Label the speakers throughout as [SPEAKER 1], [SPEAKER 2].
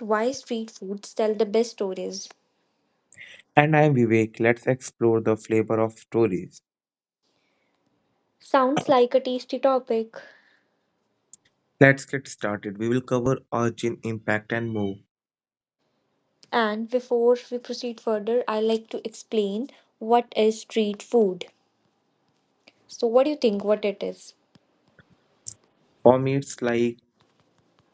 [SPEAKER 1] why street foods tell the best stories.
[SPEAKER 2] And I'm Vivek. Let's explore the flavor of stories.
[SPEAKER 1] Sounds like a tasty topic.
[SPEAKER 2] Let's get started. We will cover origin, impact, and more.
[SPEAKER 1] And before we proceed further, I like to explain what is street food. So what do you think what it is?
[SPEAKER 2] For me, it's like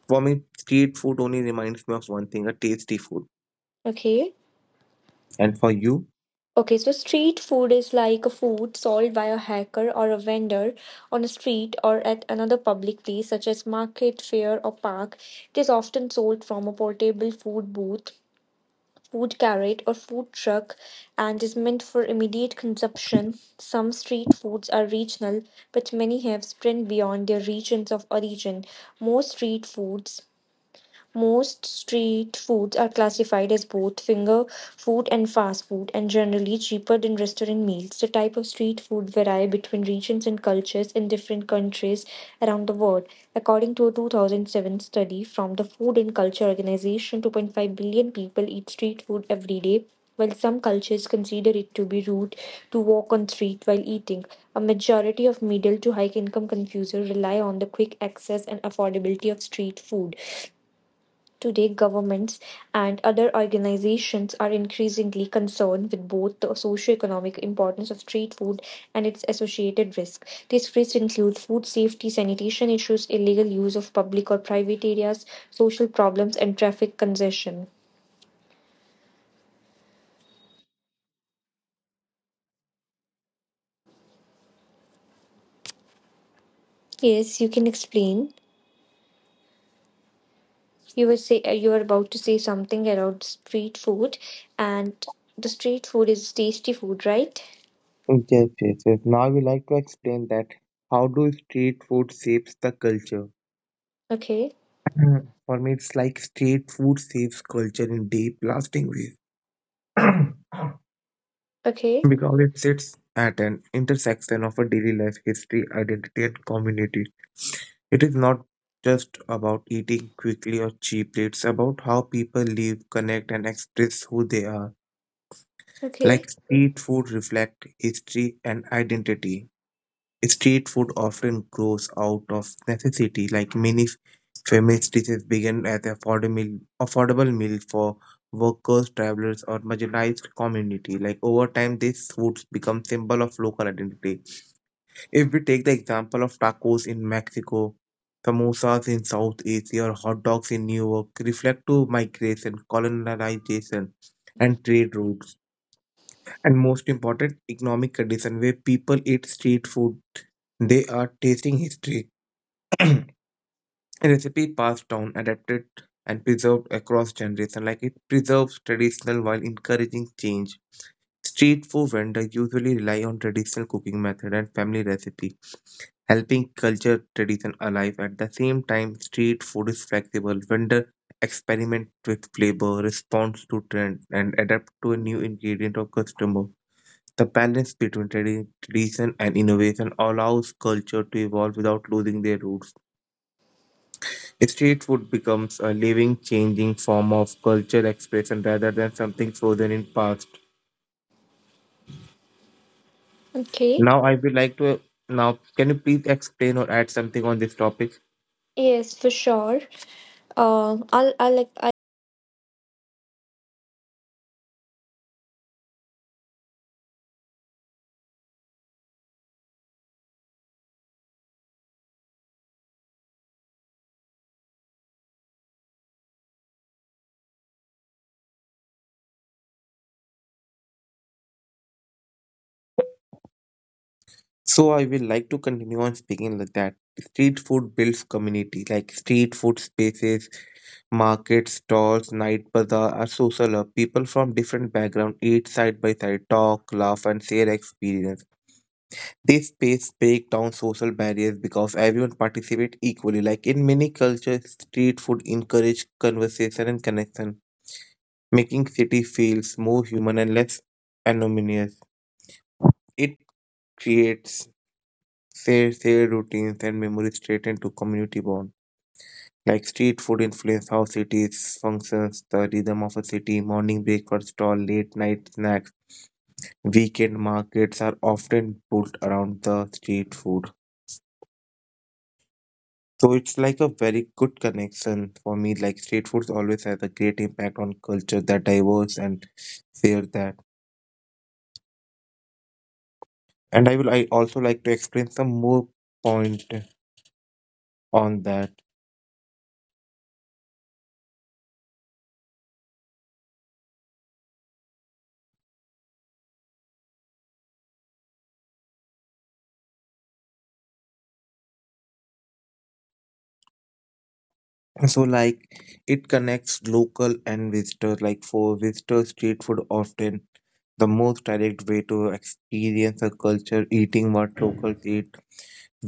[SPEAKER 2] for me, street food only reminds me of one thing: a tasty food.
[SPEAKER 1] Okay.
[SPEAKER 2] And for you,
[SPEAKER 1] Okay, so street food is like a food sold by a hacker or a vendor on a street or at another public place such as market, fair or park. It is often sold from a portable food booth, food carrot or food truck, and is meant for immediate consumption. Some street foods are regional, but many have spread beyond their regions of origin. Most street foods most street foods are classified as both finger food and fast food, and generally cheaper than restaurant meals. The type of street food vary between regions and cultures in different countries around the world. According to a 2007 study from the Food and Culture Organization, 2.5 billion people eat street food every day. While some cultures consider it to be rude to walk on street while eating, a majority of middle to high income consumers rely on the quick access and affordability of street food. Today, governments and other organizations are increasingly concerned with both the socioeconomic importance of street food and its associated risk. These risks include food safety, sanitation issues, illegal use of public or private areas, social problems, and traffic congestion. Yes, you can explain. You were about to say something about street food, and the street food is tasty food, right?
[SPEAKER 2] yes, yes, yes. Now we like to explain that how do street food shapes the culture?
[SPEAKER 1] Okay,
[SPEAKER 2] For me, it's like street food shapes culture in deep, lasting ways.
[SPEAKER 1] okay,
[SPEAKER 2] Because it sits at an intersection of a daily life, history, identity, and community. It is not just about eating quickly or cheaply, it's about how people live, connect, and express who they are.
[SPEAKER 1] okay,
[SPEAKER 2] Like street food reflect history and identity. Street food often grows out of necessity, like many famous dishes began as affordable meal for workers, travelers, or marginalized community. Like over time, these foods become symbol of local identity. If we take the example of tacos in Mexico, samosas in South Asia, or hot dogs in New York, reflect to migration, colonization, and trade routes. And most important, economic condition where people eat street food they are tasting history, a recipe passed down, adapted, and preserved across generations. Like it preserves traditional while encouraging change. Street food vendors usually rely on traditional cooking method and family recipe, helping culture tradition alive. At the same time, street food is flexible. Vendor experiment with flavor, responds to trend, and adapt to a new ingredient or customer. The balance between tradition and innovation allows culture to evolve without losing their roots. Street food becomes a living, changing form of culture expression rather than something frozen in past.
[SPEAKER 1] okay.
[SPEAKER 2] Now, I would like to now can you please explain or add something on this topic?
[SPEAKER 1] Yes, for sure. I'll like
[SPEAKER 2] So, I will like to continue on speaking like that. Street food builds community, like street food spaces, markets, stalls, night bazaar are social hub. People from different backgrounds eat side by side, talk, laugh, and share experience. This space break down social barriers because everyone participates equally. Like in many cultures, street food encourages conversation and connection, making city feels more human and less anonymous. It creates shared routines and memories straight into community bond. Like street food influence how cities functions, the rhythm of a city, morning breakfast stall, late night snacks, weekend markets are often built around the street food. So it's like a very good connection for me. Like street foods always has a great impact on culture that diverse and share that. And I also like to explain some more point on that. So like it connects local and visitors. Like for visitors, street food often the most direct way to experience a culture, eating what locals eat,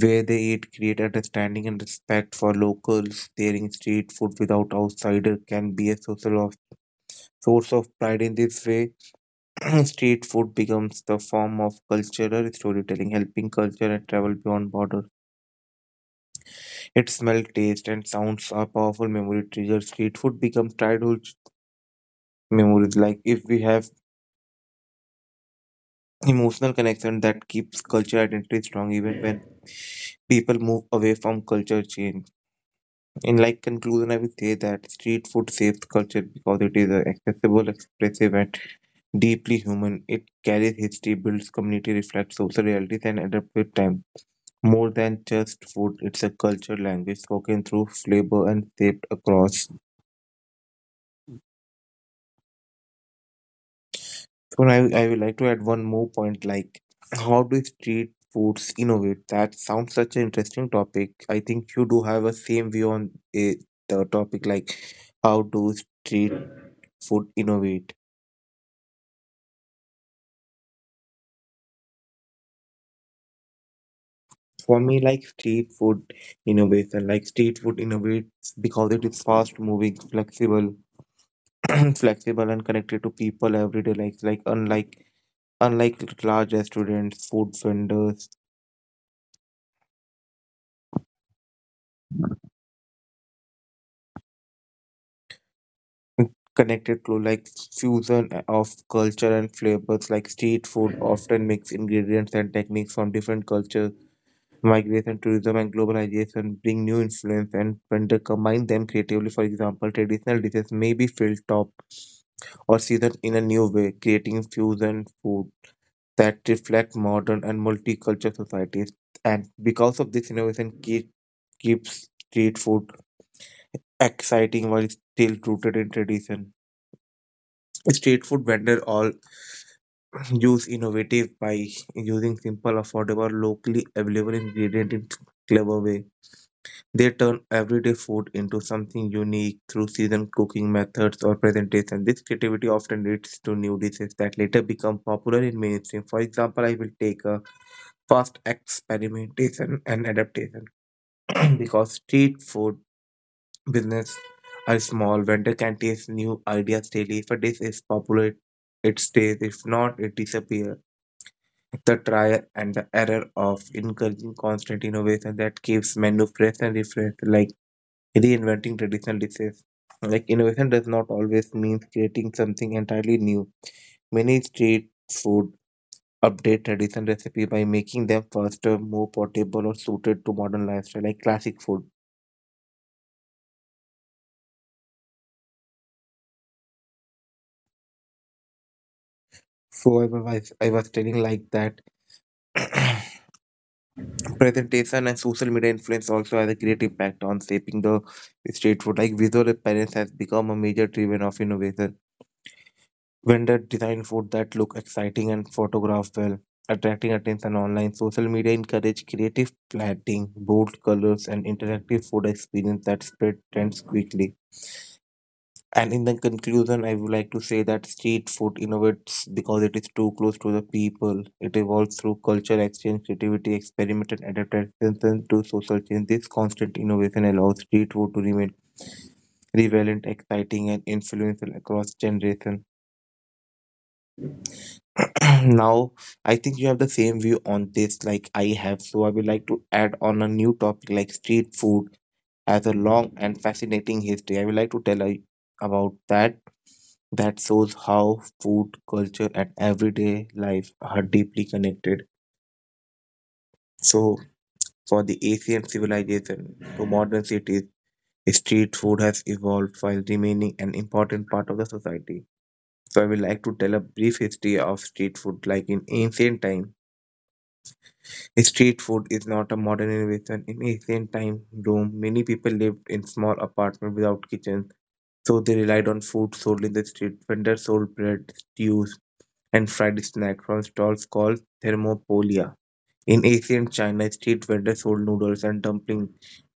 [SPEAKER 2] where they eat, create understanding and respect for locals. Sharing street food without outsider can be a social source of pride. In this way, street food becomes the form of cultural storytelling, helping culture and travel beyond borders. Its smell, taste and sounds are powerful memory triggers. Street food becomes childhood memories. Like if we have emotional connection that keeps culture identity strong even when people move away from culture change. In like conclusion, I will say that street food saves culture because it is accessible, expressive and deeply human. It carries history, builds community, reflects social realities, and adapts with time. More than just food, it's a culture, language spoken through flavor and shaped across. So I would like to add one more point like how do street foods innovate? That sounds such an interesting topic. I think you do have a same view on it, the topic like how do street food innovate? For me, like street food innovation, like street food innovates because it is fast moving, flexible, flexible and connected to people every day. Unlike large restaurants, food vendors connected to like fusion of culture and flavors. Like street food often mix ingredients and techniques from different cultures. Migration, tourism, and globalization bring new influence and vendor combine them creatively. For example, traditional dishes may be filled top or seasoned in a new way, creating fusion food that reflect modern and multicultural societies. And because of this innovation, keeps street food exciting while still rooted in tradition. Street food vendors all use innovative by using simple, affordable, locally available ingredient in clever way. They turn everyday food into something unique through season cooking methods or presentation. This creativity often leads to new dishes that later become popular in mainstream. For example, I will take a fast experimentation and adaptation because street food business are small. Vendor can taste new ideas daily. If a dish is popular, it stays. If not, it disappears. The trial and the error of encouraging constant innovation that keeps menu fresh and refreshed, like reinventing traditional dishes. Like innovation does not always mean creating something entirely new. Many street food update traditional recipe by making them faster, more portable, or suited to modern lifestyle, like classic food. So I was telling like that. Presentation and social media influence also has a great impact on shaping the street food. Like visual appearance has become a major driven of innovation. Vendor design food that look exciting and photograph well, attracting attention online. Social media encourage creative plating, bold colors, and interactive food experience that spread trends quickly. And in the conclusion, I would like to say that street food innovates because it is too close to the people. It evolves through culture exchange, creativity, experiment, and adaptation to social change. This constant innovation allows street food to remain relevant, exciting, and influential across generations. Now I think you have the same view on this like I have. So I would like to add on a new topic. Like street food has a long and fascinating history. I would like to tell you about that that shows how food culture and everyday life are deeply connected. So for the Asian civilization to modern cities, street food has evolved while remaining an important part of the society. So I would like to tell a brief history of street food. Like in ancient time. Street food is not a modern innovation. In ancient time Rome, many people lived in small apartments without kitchens, so they relied on food sold in the street. Vendors sold bread, stews, and fried snacks from stalls called thermopolia. In ancient China, street vendors sold noodles and dumplings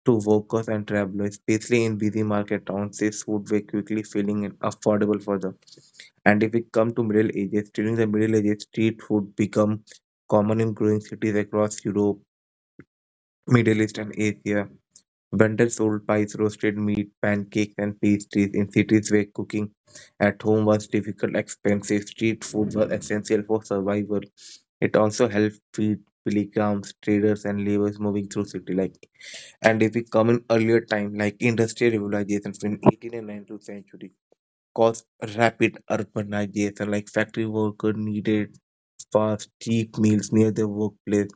[SPEAKER 2] to workers and travelers, especially in busy market towns. This food were quickly filling and affordable for them. And if we come to Middle Ages, during the Middle Ages, street food become common in growing cities across Europe. Middle East and Asia. Vendors sold pies, roasted meat, pancakes, and pastries in cities where cooking at home was difficult, expensive. Street food was essential for survival. It also helped feed pilgrims, traders, and laborers moving through city like. And if we come in earlier time, like industrial revolution from 18th and 19th century, caused rapid urbanization. Like factory workers needed fast, cheap meals near their workplace.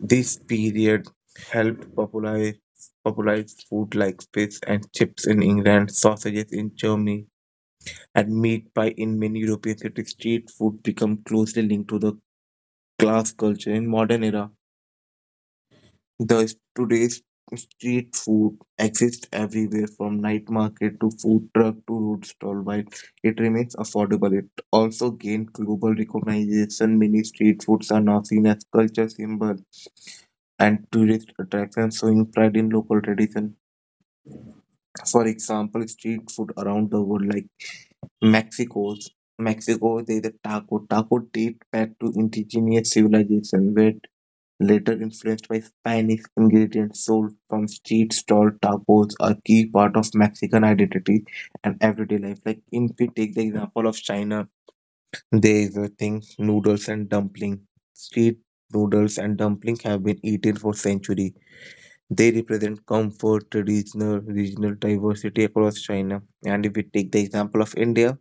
[SPEAKER 2] This period helped popularize food like fish and chips in England, sausages in Germany, and meat pie in many European cities. Street food became closely linked to the class culture in modern era. Thus, today's street food exists everywhere from night market to food truck to road stall. While it remains affordable, it also gained global recognition. Many street foods are now seen as culture symbols and tourist attractions showing pride in local tradition. For example, street food around the world like Mexico's Mexico, there is a taco. Taco date back to indigenous civilization where later influenced by Spanish ingredients sold from street stall. Tacos are key part of Mexican identity and everyday life. Like if we take the example of China, there is a thing noodles and dumpling. Street noodles and dumpling have been eaten for centuries. They represent comfort, regional diversity across China. And if we take the example of India,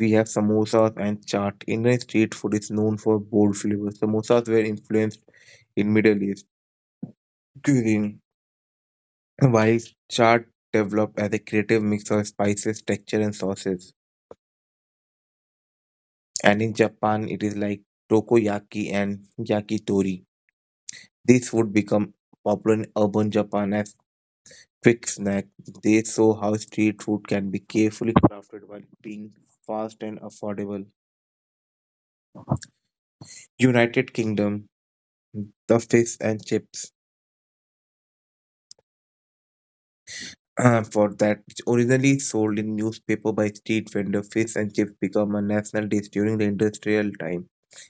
[SPEAKER 2] we have samosas and chaat. Indian street food is known for bold flavors. Samosas were influenced in Middle East cuisine, while chaat developed as a creative mix of spices, texture, and sauces. And in Japan, it is like tokoyaki and yakitori. These food become popular in urban Japan as quick snack. They show how street food can be carefully crafted while being fast and affordable. United Kingdom, the fish and chips. For that, which originally sold in newspaper by street vendor, fish and chips become a national dish during the industrial time,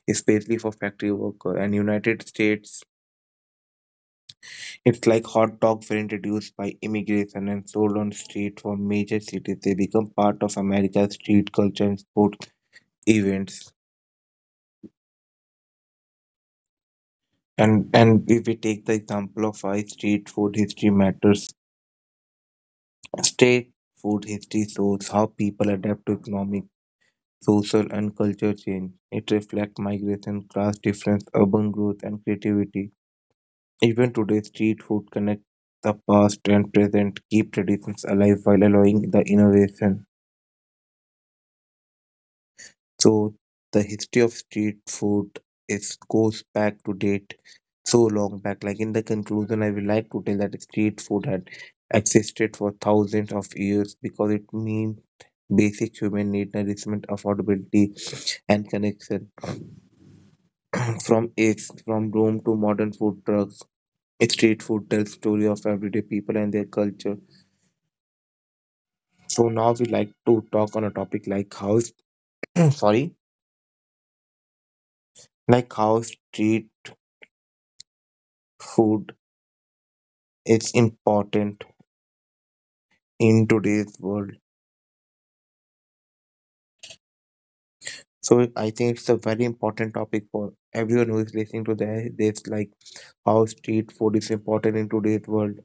[SPEAKER 2] especially for factory worker. And United States, it's like hot dogs were introduced by immigration and sold on street for major cities. They become part of America's street culture and sports events. And if we take the example of why street food history matters, street food history shows how people adapt to economic, social, and cultural change. It reflects migration, class difference, urban growth, and creativity. Even today, street food connects the past and present, keep traditions alive while allowing the innovation. So the history of street food is goes back to date so long back. Like in the conclusion, I would like to tell that street food had existed for thousands of years because it means basic human need, nourishment, affordability, and connection. From Rome to modern food trucks, street food tells story of everyday people and their culture. So now we like to talk on a topic like how sorry, like how street food is important in today's world. So I think it's a very important topic for everyone who is listening to this. This like how street food is important in today's world.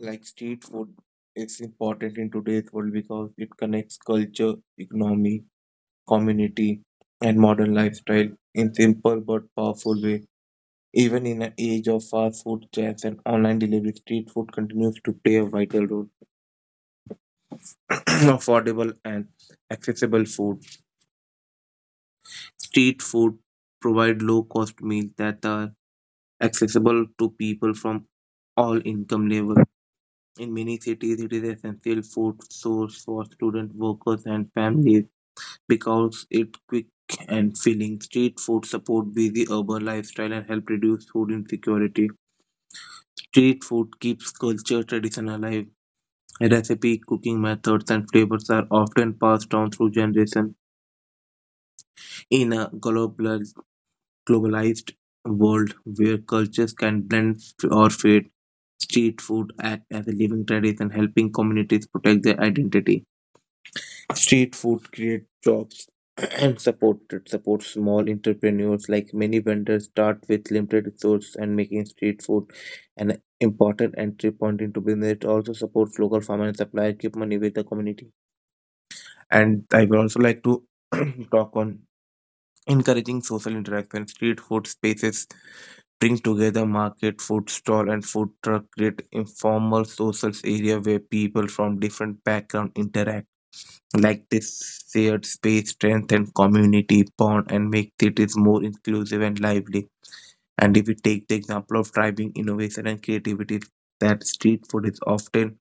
[SPEAKER 2] Like street food is important in today's world because it connects culture, economy, community, and modern lifestyle in simple but powerful way. Even in an age of fast food chains and online delivery, street food continues to play a vital role. Affordable and accessible food. Street food provide low-cost meals that are accessible to people from all income levels. In many cities, it is essential food source for student workers, and families because it quick and filling. Street food support busy urban lifestyle and help reduce food insecurity. Street food keeps culture tradition alive. Recipe, cooking methods, and flavors are often passed down through generation. In a globalized world where cultures can blend or fade, street food acts as a living tradition, helping communities protect their identity. Street food creates jobs and support it supports small entrepreneurs like many vendors start with limited resources and making street food an important entry point into business. It also supports local farmers and suppliers, keep money with the community. And I would also like to talk on encouraging social interaction. Street food spaces bring together market, food stall, and food truck create informal social area where people from different background interact. Like this shared space strengthen community bond and make cities more inclusive and lively. And if we take the example of driving innovation and creativity, that street food is often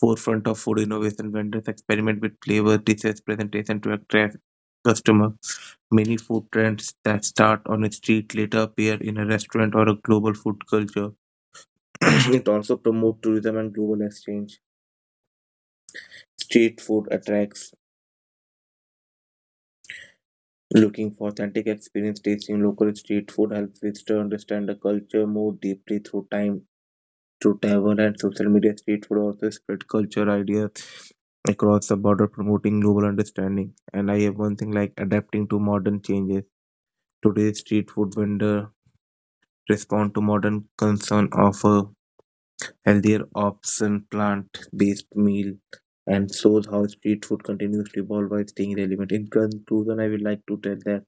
[SPEAKER 2] forefront of food innovation. Vendors experiment with flavors, dishes, presentation to attract customers. Many food trends that start on a street later appear in a restaurant or a global food culture. It also promotes tourism and global exchange. Street food attracts looking for authentic experience. Tasting local street food helps visitors understand the culture more deeply through time. Through travel and social media, street food also spread culture ideas across the border, promoting global understanding. And I have one thing like adapting to modern changes. Today's street food vendor respond to modern concern, offer healthier option, plant-based meal, and shows how street food continues to evolve by staying relevant. In conclusion, I would like to tell that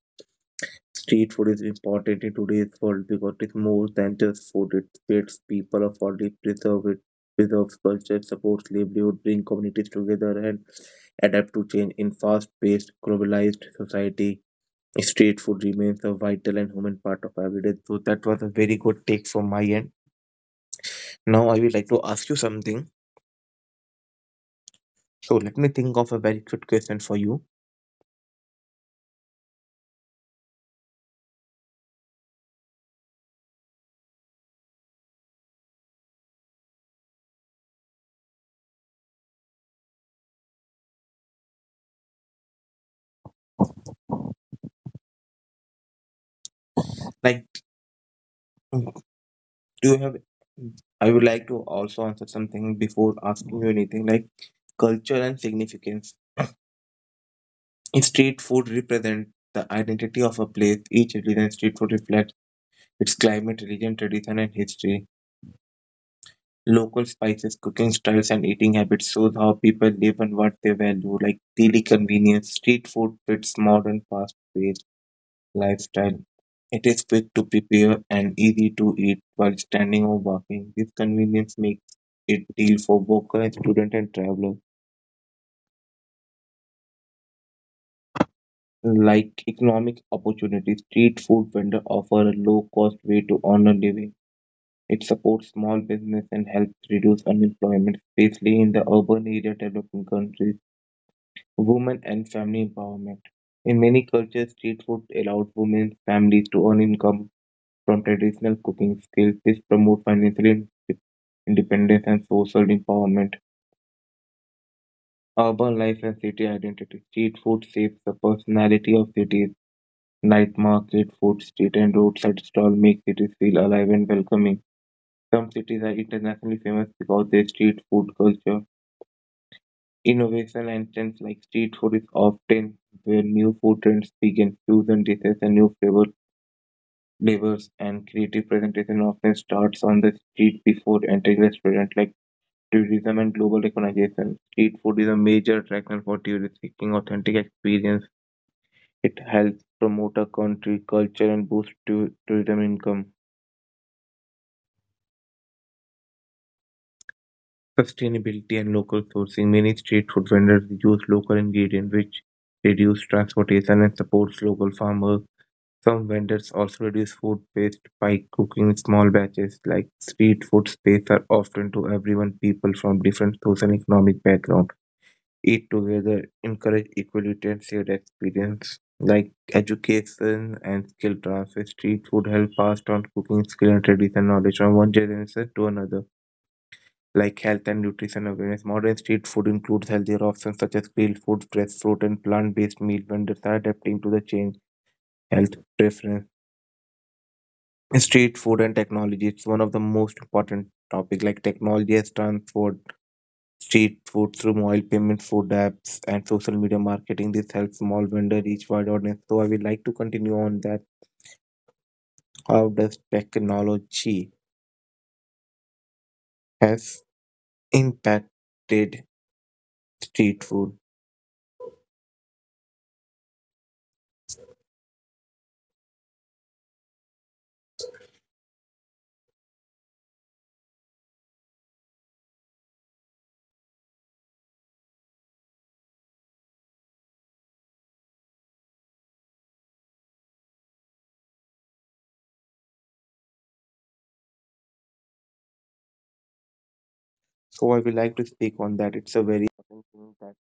[SPEAKER 2] street food is important in today's world because it's more than just food. It feeds people of all it preserves culture, supports livelihood, bring communities together and adapt to change in fast paced globalized society. Street food remains a vital and human part of everyday. So that was a very good take from my end. Now I would like to ask you something. So let me think of a very good question for you. Like do you have I would like to also answer something before asking you anything. Like culture and significance. In Street food represents the identity of a place. Each region street food reflects its climate, religion, tradition, and history. Local spices, cooking styles, and eating habits shows how people live and what they value, like daily convenience. Street food fits modern, fast-paced lifestyle. It is quick to prepare and easy to eat while standing or walking. This convenience makes it deal for workers, students, and travelers like economic opportunities. Street food vendors offer a low cost way to earn a living. It supports small business and helps reduce unemployment, especially in the urban area developing countries. Women and family empowerment. In many cultures, street food allowed women families to earn income from traditional cooking skills. This promotes financial independence and social empowerment. Urban life and city identity. Street food shapes the personality of cities. Night market, food street, and roadside stall make cities feel alive and welcoming. Some cities are internationally famous because their street food culture, innovation, and trends like street food is often where new food trends begin. Fusion dishes and new flavors and creative presentation often starts on the street before entering restaurant like tourism and global recognition. Street food is a major attraction for tourists seeking authentic experience. It helps promote a country culture and boost tourism income. Sustainability and local sourcing. Many street food vendors use local ingredients, which reduce transportation and supports local farmers. Some vendors also reduce food waste by cooking in small batches. Like street food space are often to everyone people from different social and economic background. Eat together, encourage equality and shared experience. Like education and skill transfer, street food help pass on cooking skill and tradition knowledge from one generation to another like health and nutrition awareness. Modern street food includes healthier options such as grilled food, fresh fruit, and plant-based meal. Vendors are adapting to the change health preference. Street food and technology. It's one of the most important topic. Like technology has transformed street food through mobile payments, food apps, and social media marketing. This helps small vendor reach wide audience. So I will like to continue on that. How does technology has impacted street food? So I will like to speak on that. It's a very important thing that